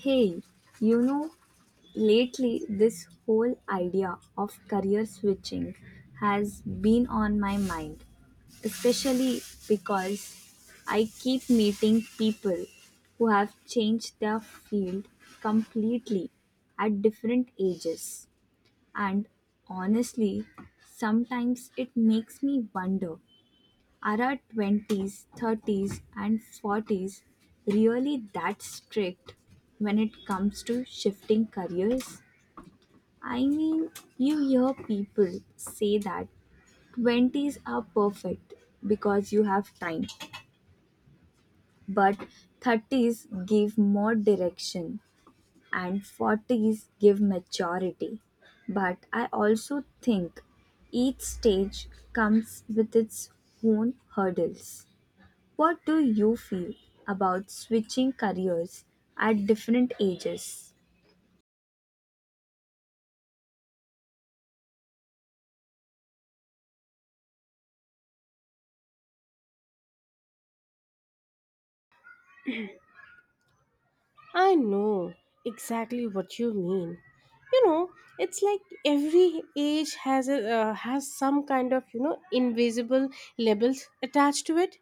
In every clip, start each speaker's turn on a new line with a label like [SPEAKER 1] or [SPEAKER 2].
[SPEAKER 1] Hey, you know, lately this whole idea of career switching has been on my mind, especially because I keep meeting people who have changed their field completely at different ages. And honestly, sometimes it makes me wonder, are our twenties, thirties, and forties really that strict when it comes to shifting careers? I mean, you hear people say that 20s are perfect because you have time, but 30s give more direction and 40s give maturity. But I also think each stage comes with its own hurdles. What do you feel about switching careers at different ages?
[SPEAKER 2] I know exactly what you mean. You know, it's like every age has a has some kind of invisible labels attached to it.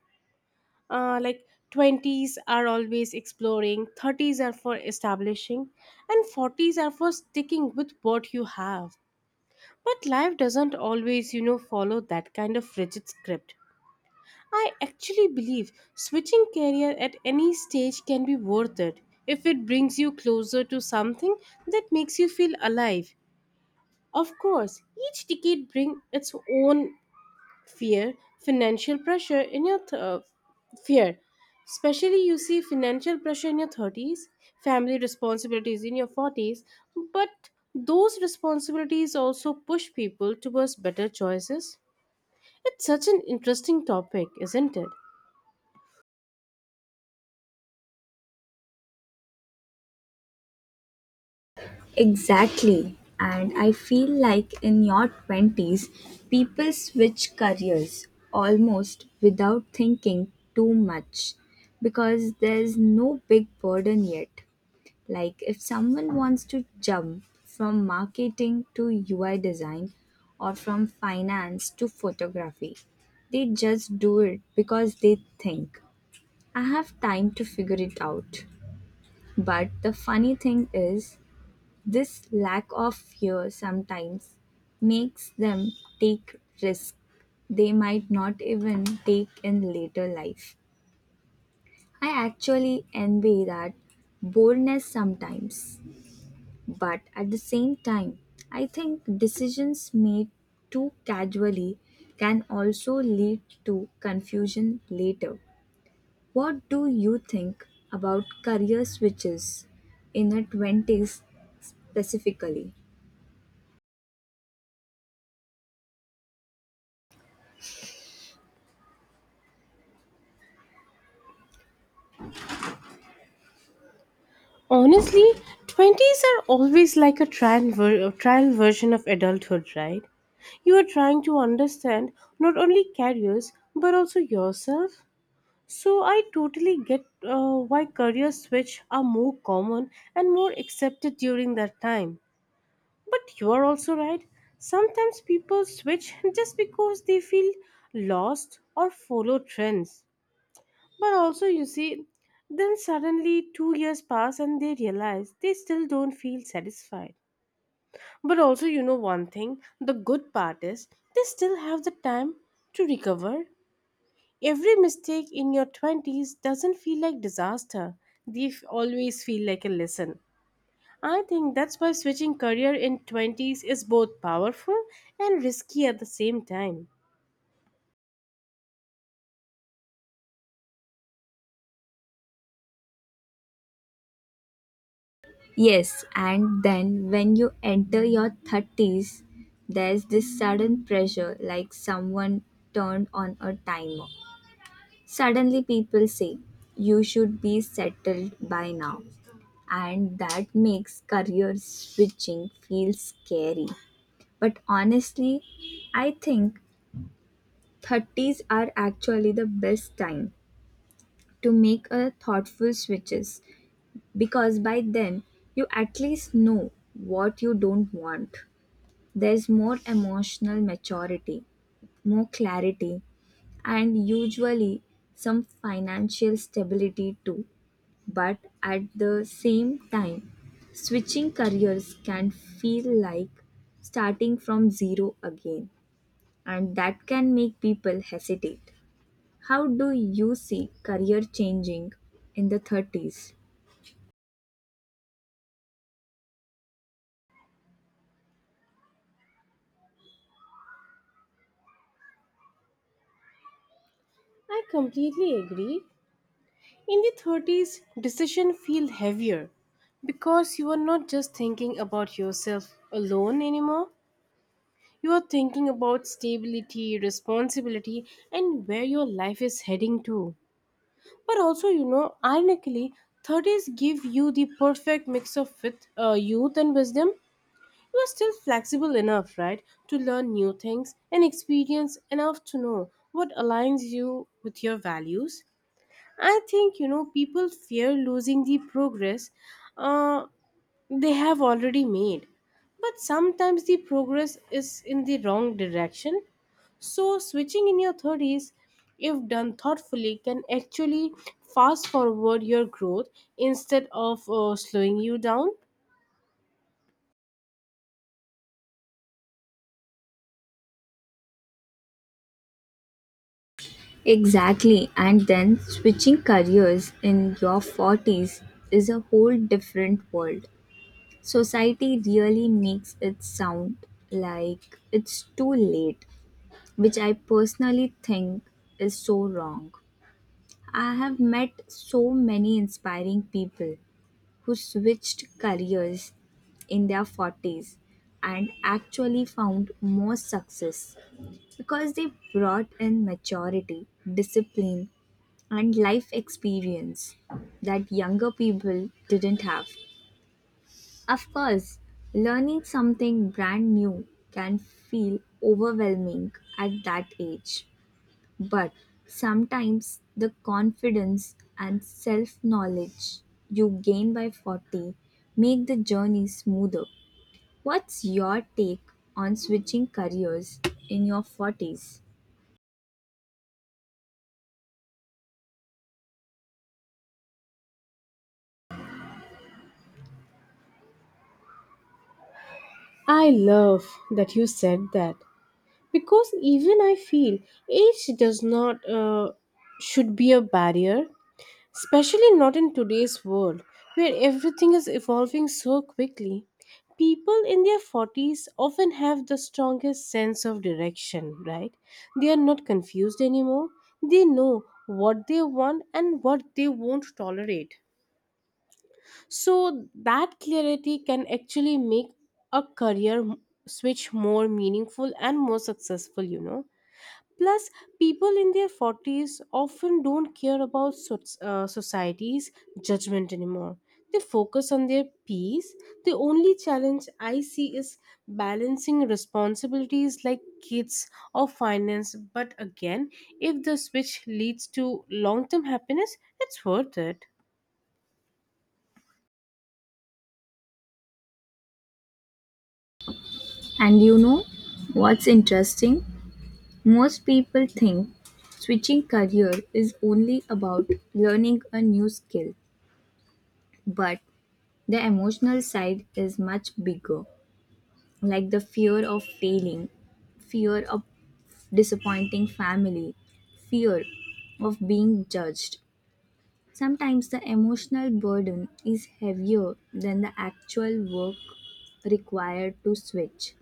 [SPEAKER 2] Like twenties are always exploring, thirties are for establishing, and forties are for sticking with what you have. But life doesn't always follow that kind of rigid script. I actually believe switching career at any stage can be worth it if it brings you closer to something that makes you feel alive. Of course, each decade brings its own fear, financial pressure in your th- uh, fear. Especially you see financial pressure in your 30s, family responsibilities in your 40s, but those responsibilities also push people towards better choices. It's such an interesting topic, isn't it?
[SPEAKER 1] Exactly. And I feel like in your 20s, people switch careers almost without thinking too much because there's no big burden yet. Like, if someone wants to jump from marketing to UI design or from finance to photography, they just do it because they think I have time to figure it out. But the funny thing is, this lack of fear sometimes makes them take risks they might not even take in later life. I actually envy that boldness sometimes. But at the same time, I think decisions made too casually can also lead to confusion later. What do you think about career switches in your 20s specifically?
[SPEAKER 2] Honestly, 20s are always like a a trial version of adulthood, right? You are trying to understand not only careers but also yourself. So I totally get why career switch are more common and more accepted during that time. But you are also right. Sometimes people switch just because they feel lost or follow trends. But also, you see, then suddenly 2 years pass and they realize they still don't feel satisfied. But also, one thing the good part is they still have the time to recover. Every mistake in your 20s doesn't feel like disaster, always feel like a lesson. I think that's why switching career in 20s is both powerful and risky at the same time.
[SPEAKER 1] Yes, and then when you enter your 30s, there's this sudden pressure like someone turned on a timer. Suddenly, people say you should be settled by now, and that makes career switching feel scary. But honestly, I think 30s are actually the best time to make a thoughtful switches because by then you at least know what you don't want. There's more emotional maturity, more clarity, and usually some financial stability too. But at the same time, switching careers can feel like starting from zero again, and that can make people hesitate. How do you see career changing in the 30s?
[SPEAKER 2] I completely agree. In the 30s, decisions feel heavier because you are not just thinking about yourself alone anymore. You are thinking about stability, responsibility, and where your life is heading to. But also, ironically, 30s give you the perfect mix of youth and wisdom. You are still flexible enough, right, to learn new things and experience enough to know what aligns you with your values. I think people fear losing the progress uh, they have already made. But sometimes the progress is in the wrong direction. So switching in your 30s, if done thoughtfully, can actually fast forward your growth instead of slowing you down.
[SPEAKER 1] Exactly, and then switching careers in your 40s is a whole different world. Society really makes it sound like it's too late, which I personally think is so wrong. I have met so many inspiring people who switched careers in their 40s and actually found more success because they brought in maturity, discipline, and life experience that younger people didn't have. Of course, learning something brand new can feel overwhelming at that age, but sometimes the confidence and self knowledge you gain by 40 make the journey smoother. What's your take on switching careers in your 40s?
[SPEAKER 2] I love that you said that because even I feel age does not should be a barrier. Especially not in today's world, where everything is evolving so quickly. People in their 40s often have the strongest sense of direction, right? They are not confused anymore. They know what they want and what they won't tolerate. So that clarity can actually make a switch more meaningful and more successful, you know. Plus, people in their 40s often don't care about society's judgment anymore. They focus on their peace. The only challenge I see is balancing responsibilities like kids or finance. But again, if the switch leads to long term happiness, it's worth it.
[SPEAKER 1] And you know what's interesting? Most people think switching career is only about learning a new skill, but the emotional side is much bigger, like the fear of failing, fear of disappointing family, fear of being judged. Sometimes the emotional burden is heavier than the actual work required to switch.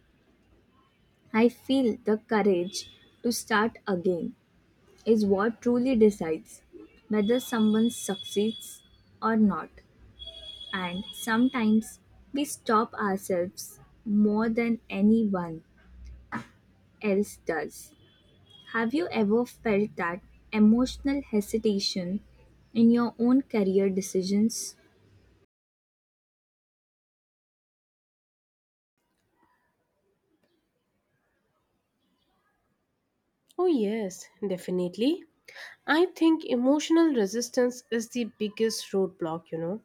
[SPEAKER 1] I feel the courage to start again is what truly decides whether someone succeeds or not. And sometimes we stop ourselves more than anyone else does. Have you ever felt that emotional hesitation in your own career decisions?
[SPEAKER 2] Oh, yes, definitely. I think emotional resistance is the biggest roadblock, you know.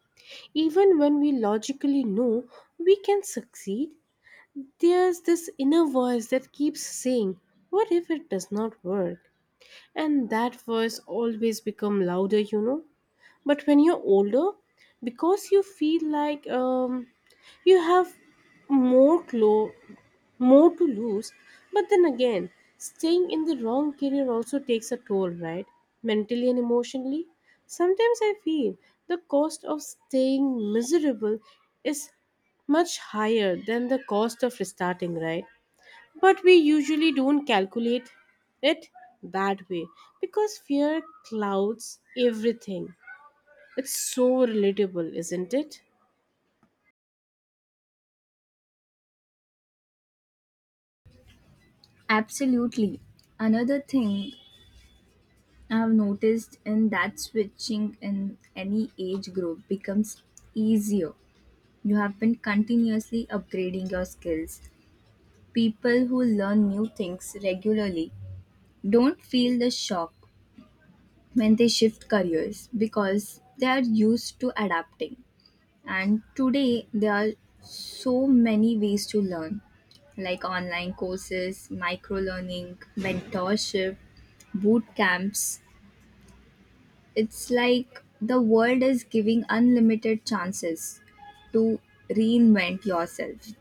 [SPEAKER 2] Even when we logically know we can succeed, there's this inner voice that keeps saying, what if it does not work? And that voice always becomes louder, you know. But when you're older, because you feel like you have more clo- more to lose. But then again, staying in the wrong career also takes a toll, right? Mentally and emotionally. Sometimes I feel the cost of staying miserable is much higher than the cost of restarting, right? But we usually don't calculate it that way because fear clouds everything. It's so relatable, isn't it?
[SPEAKER 1] Absolutely. Another thing I've noticed in that switching in any age group becomes easier. You have been continuously upgrading your skills. People who learn new things regularly don't feel the shock when they shift careers because they are used to adapting. And today, there are so many ways to learn, like online courses, micro learning, mentorship, boot camps. It's like the world is giving unlimited chances to reinvent yourself.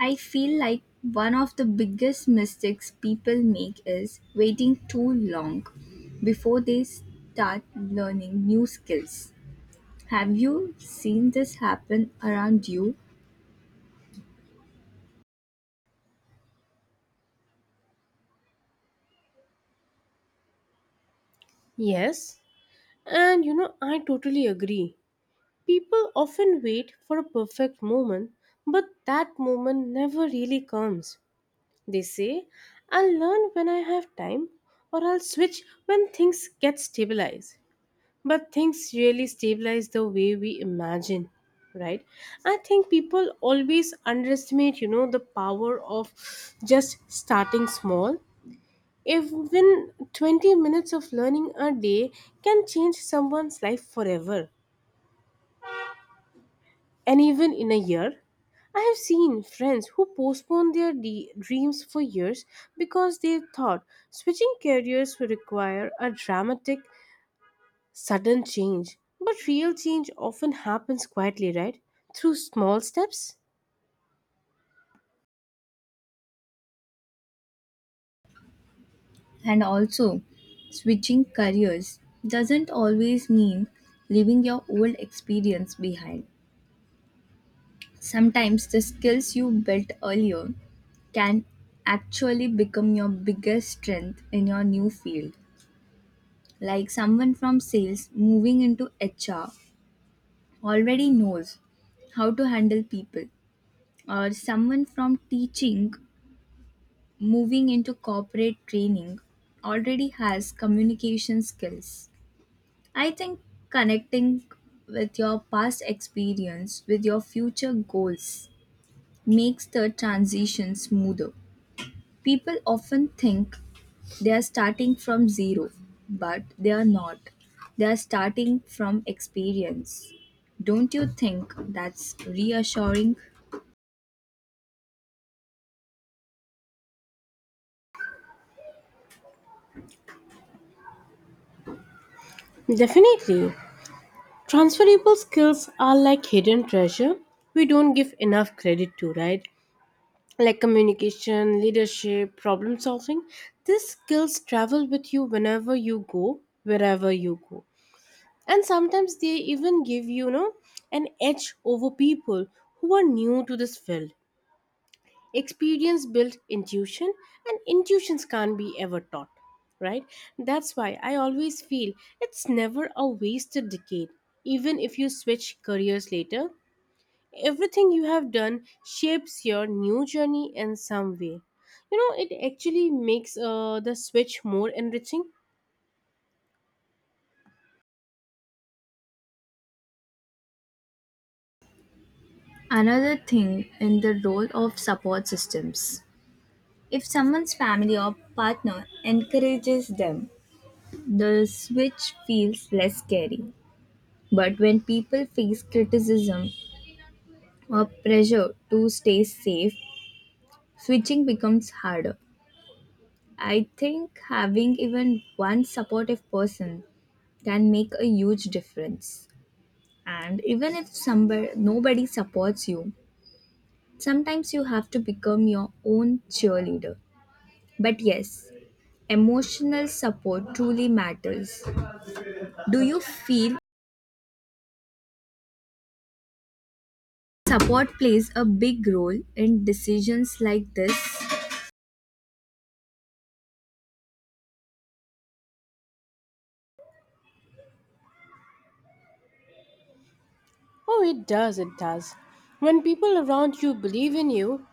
[SPEAKER 1] I feel like one of the biggest mistakes people make is waiting too long before they start learning new skills. Have you seen this happen around you?
[SPEAKER 2] Yes. And you know, I totally agree. People often wait for a perfect moment, but that moment never really comes. They say, I'll learn when I have time, or I'll switch when things get stabilized. But things really stabilize the way we imagine, right? I think people always underestimate, you know, the power of just starting small. Even 20 minutes of learning a day can change someone's life forever, and even in a year. I have seen friends who postponed their dreams for years because they thought switching careers would require a dramatic, sudden change. But real change often happens quietly, right? Through small steps?
[SPEAKER 1] And also, switching careers doesn't always mean leaving your old experience behind. Sometimes the skills you built earlier can actually become your biggest strength in your new field. Like someone from sales moving into HR already knows how to handle people, or someone from teaching moving into corporate training already has communication skills. I think connecting with your past experience with your future goals makes the transition smoother. People often think they are starting from zero, but they are not. They are starting from experience. Don't you think that's reassuring?
[SPEAKER 2] Definitely. Transferable skills are like hidden treasure we don't give enough credit to, right? Like communication, leadership, problem solving. These skills travel with you whenever you go, wherever you go. And sometimes they even give you, you know, an edge over people who are new to this field. Experience builds intuition, and intuitions can't be ever taught, right? That's why I always feel it's never a wasted decade, even if you switch careers later. Everything you have done shapes your new journey in some way. You know, it actually makes the switch more enriching.
[SPEAKER 1] Another thing in the role of support systems. If someone's family or partner encourages them, the switch feels less scary. But when people face criticism or pressure to stay safe, switching becomes harder. I think having even one supportive person can make a huge difference. And even if somebody nobody supports you, sometimes you have to become your own cheerleader. But yes, emotional support truly matters. Do you feel support plays a big role in decisions like this?
[SPEAKER 2] Oh, it does, it does. When people around you believe in you,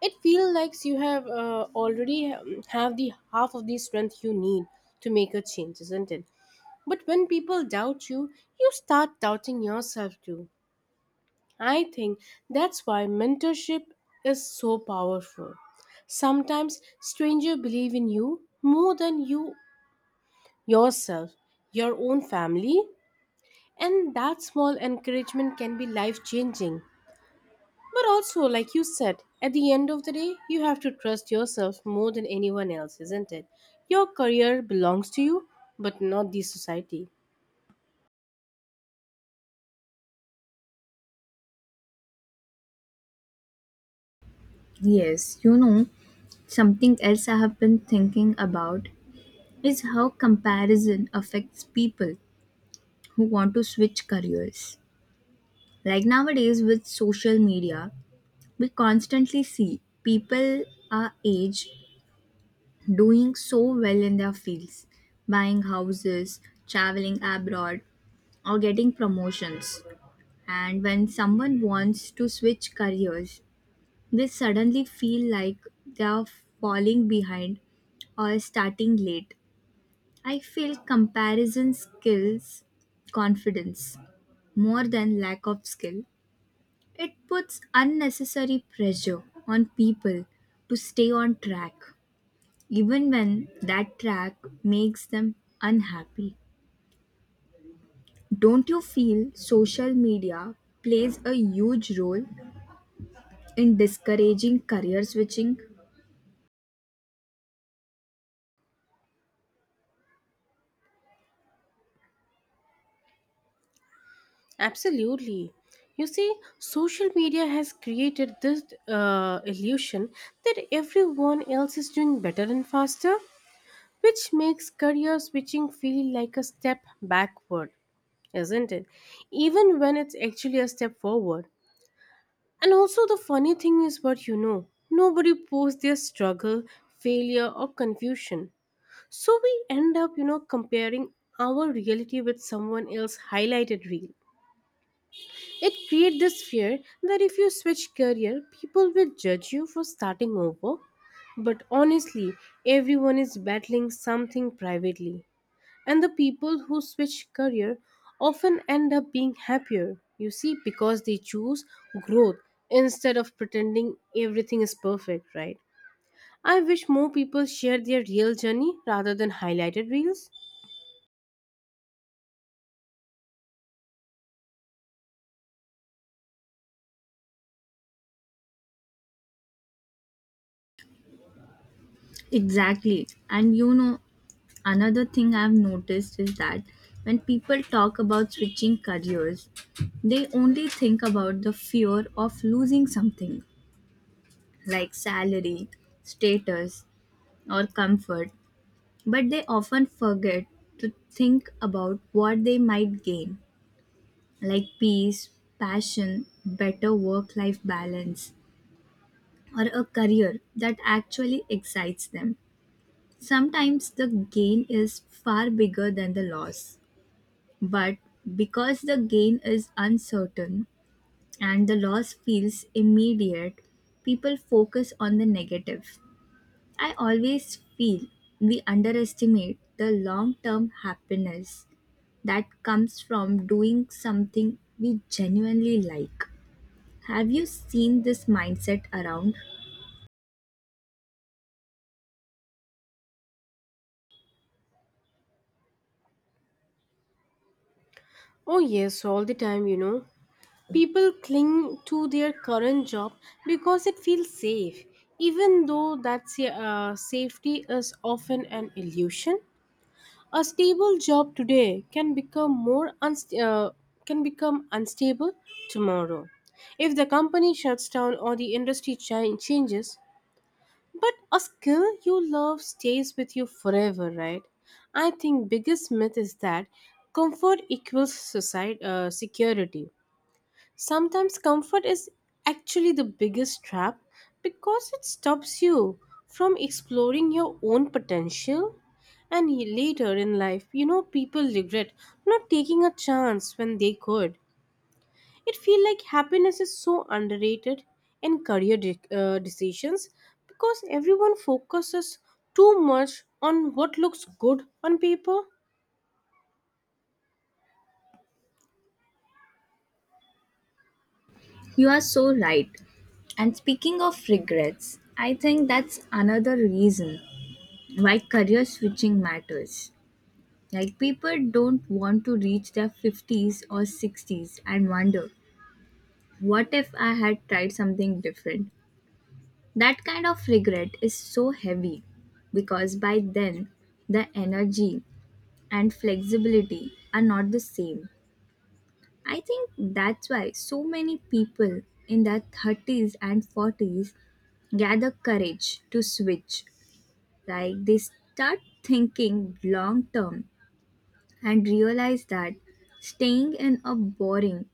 [SPEAKER 2] it feels like you have already have the half of the strength you need to make a change, isn't it? But when people doubt you, you start doubting yourself too. I think that's why mentorship is so powerful. Sometimes strangers believe in you more than you yourself, your own family, and that small encouragement can be life changing. But also, like you said, at the end of the day, you have to trust yourself more than anyone else, isn't it? Your career belongs to you, but not the society.
[SPEAKER 1] Yes, you know, something else I have been thinking about is how comparison affects people who want to switch careers. Like nowadays with social media, we constantly see people our age doing so well in their fields, buying houses, traveling abroad, or getting promotions. And when someone wants to switch careers, they suddenly feel like they are falling behind or starting late. I feel comparison skills confidence more than lack of skill. It puts unnecessary pressure on people to stay on track, even when that track makes them unhappy. Don't you feel social media plays a huge role in discouraging career switching?
[SPEAKER 2] Absolutely. You see, social media has created this illusion that everyone else is doing better and faster, which makes career switching feel like a step backward, isn't it? Even when it's actually a step forward. And also, the funny thing is, what nobody posts their struggle, failure, or confusion. So we end up, you know, comparing our reality with someone else's highlighted reel. It creates this fear that if you switch career, people will judge you for starting over. But honestly, everyone is battling something privately. And the people who switch career often end up being happier, you see, because they choose growth instead of pretending everything is perfect, right? I wish more people share their real journey rather than highlighted reels.
[SPEAKER 1] Exactly. And you know, another thing I've noticed is that when people talk about switching careers, they only think about the fear of losing something like salary, status, or comfort, but they often forget to think about what they might gain, like peace, passion, better work life balance, or a career that actually excites them. Sometimes the gain is far bigger than the loss, but because the gain is uncertain and the loss feels immediate, people focus on the negative. I always feel we underestimate the long term happiness that comes from doing something we genuinely like. Have you seen this mindset around?
[SPEAKER 2] Oh, yes, all the time, you know. People cling to their current job because it feels safe, even though that safety is often an illusion. A stable job today can become can become unstable tomorrow if the company shuts down or the industry changes. But a skill you love stays with you forever, right? I think biggest myth is that comfort equals security. Sometimes comfort is actually the biggest trap because it stops you from exploring your own potential. And later in life, you know, people regret not taking a chance when they could. It feels like happiness is so underrated in decisions because everyone focuses too much on what looks good on paper.
[SPEAKER 1] You are so right. And speaking of regrets, I think that's another reason why career switching matters. Like, people don't want to reach their 50s or 60s and wonder, what if I had tried something different? That kind of regret is so heavy because by then the energy and flexibility are not the same. I think that's why so many people in their 30s and 40s gather courage to switch. Like they start thinking long term and realize that staying in a boring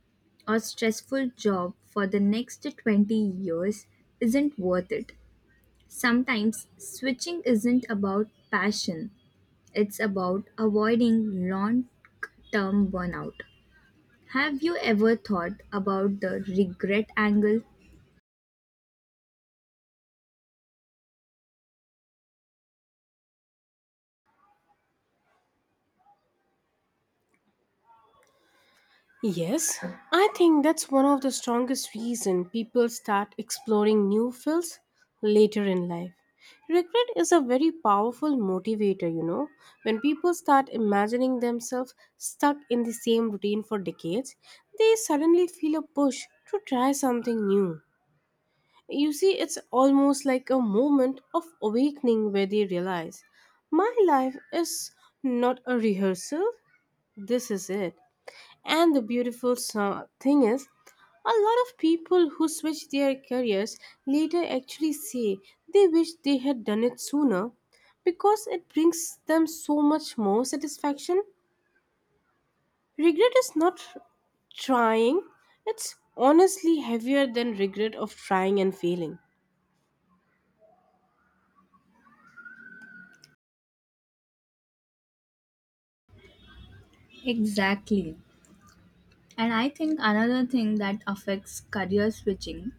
[SPEAKER 1] or stressful job for the next 20 years isn't worth it. Sometimes switching isn't about passion, it's about avoiding long term burnout. Have you ever thought about the regret angle?
[SPEAKER 2] Yes, I think that's one of the strongest reasons people start exploring new fields later in life. Regret is a very powerful motivator, you know. When people start imagining themselves stuck in the same routine for decades, they suddenly feel a push to try something new. You see, it's almost like a moment of awakening where they realize my life is not a rehearsal, this is it. And the thing is, a lot of people who switch their careers later actually say they wish they had done it sooner because it brings them so much more satisfaction. Regret is not trying, it's honestly heavier than regret of trying and failing.
[SPEAKER 1] Exactly. And I think another thing that affects career switching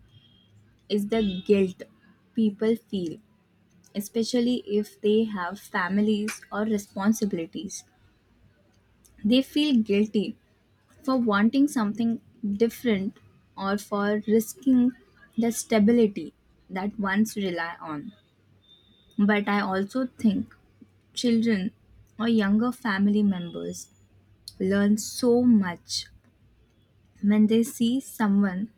[SPEAKER 1] is the guilt people feel, especially if they have families or responsibilities. They feel guilty for wanting something different or for risking the stability that ones rely on. But I also think children or younger family members learn so much when they see someone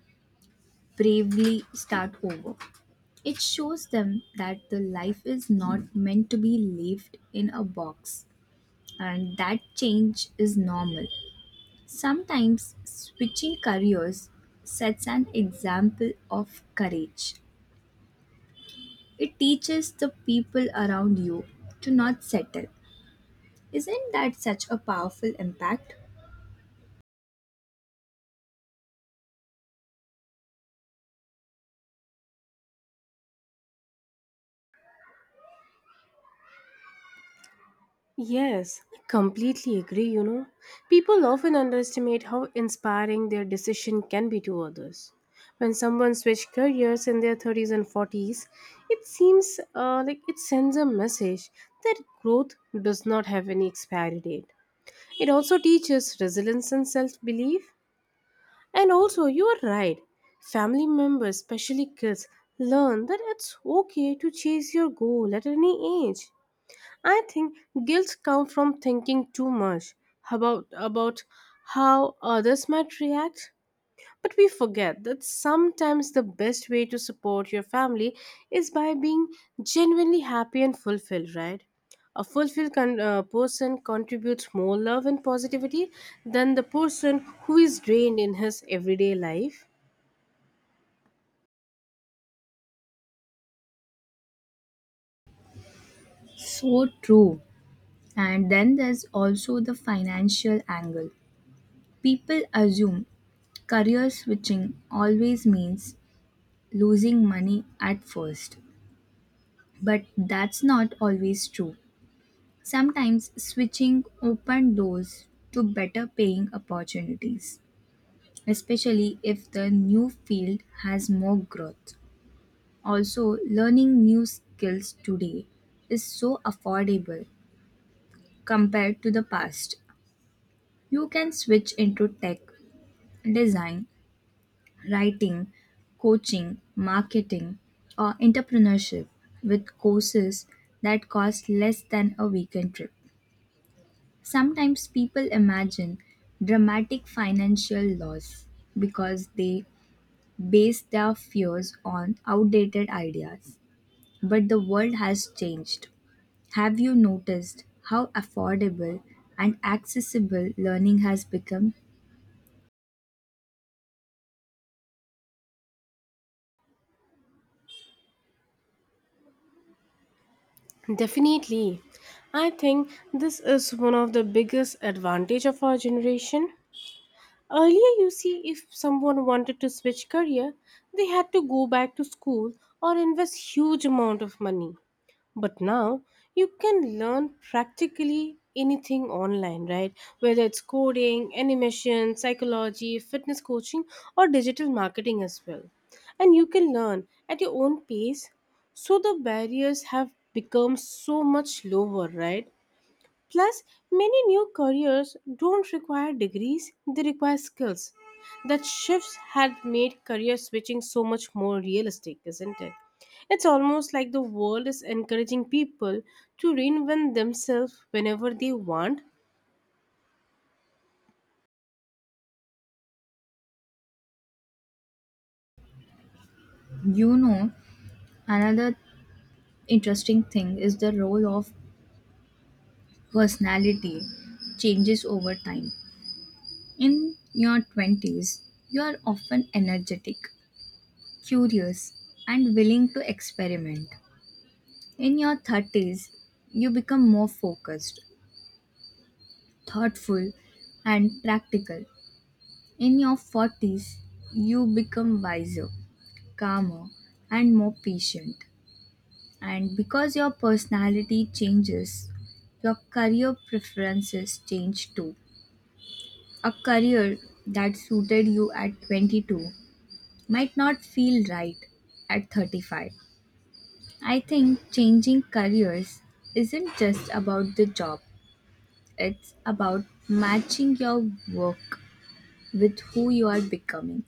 [SPEAKER 1] bravely start over. It shows them that the life is not meant to be lived in a box and that change is normal. Sometimes switching careers sets an example of courage. It teaches the people around you to not settle. Isn't that such a powerful impact?
[SPEAKER 2] Yes, I completely agree, you know. People often underestimate how inspiring their decision can be to others. When someone switches careers in their 30s and 40s, it seems like it sends a message that growth does not have any expiry date. It also teaches resilience and self belief. And also, you are right, family members, especially kids, learn that it's okay to chase your goal at any age. I think guilt comes from thinking too much about how others might react. But we forget that sometimes the best way to support your family is by being genuinely happy and fulfilled, right? A person contributes more love and positivity than the person who is drained in his everyday life.
[SPEAKER 1] So true. And then there's also the financial angle. People assume career switching always means losing money at first, but that's not always true. Sometimes switching open doors to better paying opportunities, especially if the new field has more growth. Also, learning new skills today is so affordable compared to the past. You can switch into tech, design, writing, coaching, marketing, or entrepreneurship with courses that cost less than a weekend trip. Sometimes people imagine dramatic financial loss because they base their fears on outdated ideas. But the world has changed. Have you noticed how affordable and accessible learning has become?
[SPEAKER 2] Definitely. I think this is one of the biggest advantage of our generation. Earlier, you see, if someone wanted to switch career, they had to go back to school or invest huge amount of money. But now, you can learn practically anything online, right? Whether it's coding, animation, psychology, fitness coaching, or digital marketing as well. And you can learn at your own pace. So the barriers have become so much lower, right? Plus, many new careers don't require degrees, they require skills. That shifts had made career switching so much more realistic, isn't it? It's almost like the world is encouraging people to reinvent themselves whenever they want.
[SPEAKER 1] You know, another interesting thing is the role of personality changes over time. In your 20s, you are often energetic, curious, and willing to experiment. In your 30s, you become more focused, thoughtful, and practical. In your 40s, you become wiser, calmer, and more patient. And because your personality changes, your career preferences change too. A career that suited you at 22 might not feel right at 35. I think changing careers isn't just about the job, it's about matching your work with who you are becoming.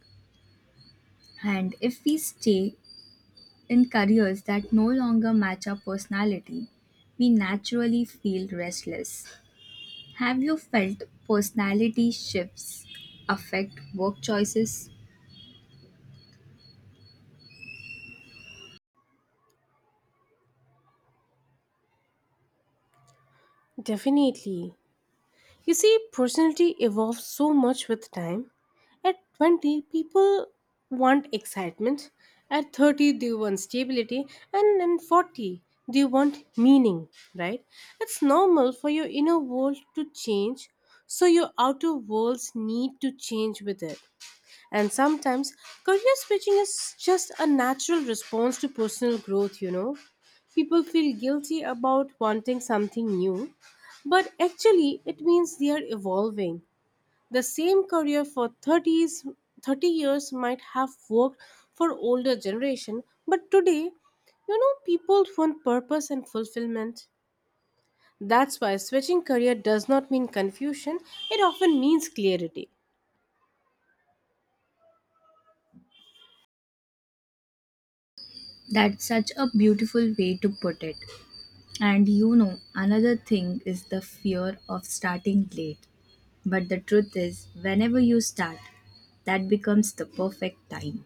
[SPEAKER 1] And if we stay in careers that no longer match our personality, we naturally feel restless. Have you felt personality shifts affect work choices?
[SPEAKER 2] Definitely. You see, personality evolves so much with time. At 20, people want excitement. At 30, they want stability. And in 40, they want meaning, right? It's normal for your inner world to change, so your outer worlds need to change with it. And sometimes career switching is just a natural response to personal growth, you know. People feel guilty about wanting something new, but actually it means they are evolving. The same career for 30 years might have worked for older generation, but today, you know, people want purpose and fulfillment. That's why switching career does not mean confusion, it often means clarity.
[SPEAKER 1] That's such a beautiful way to put it. And you know, another thing is the fear of starting late. But the truth is, whenever you start, that becomes the perfect time.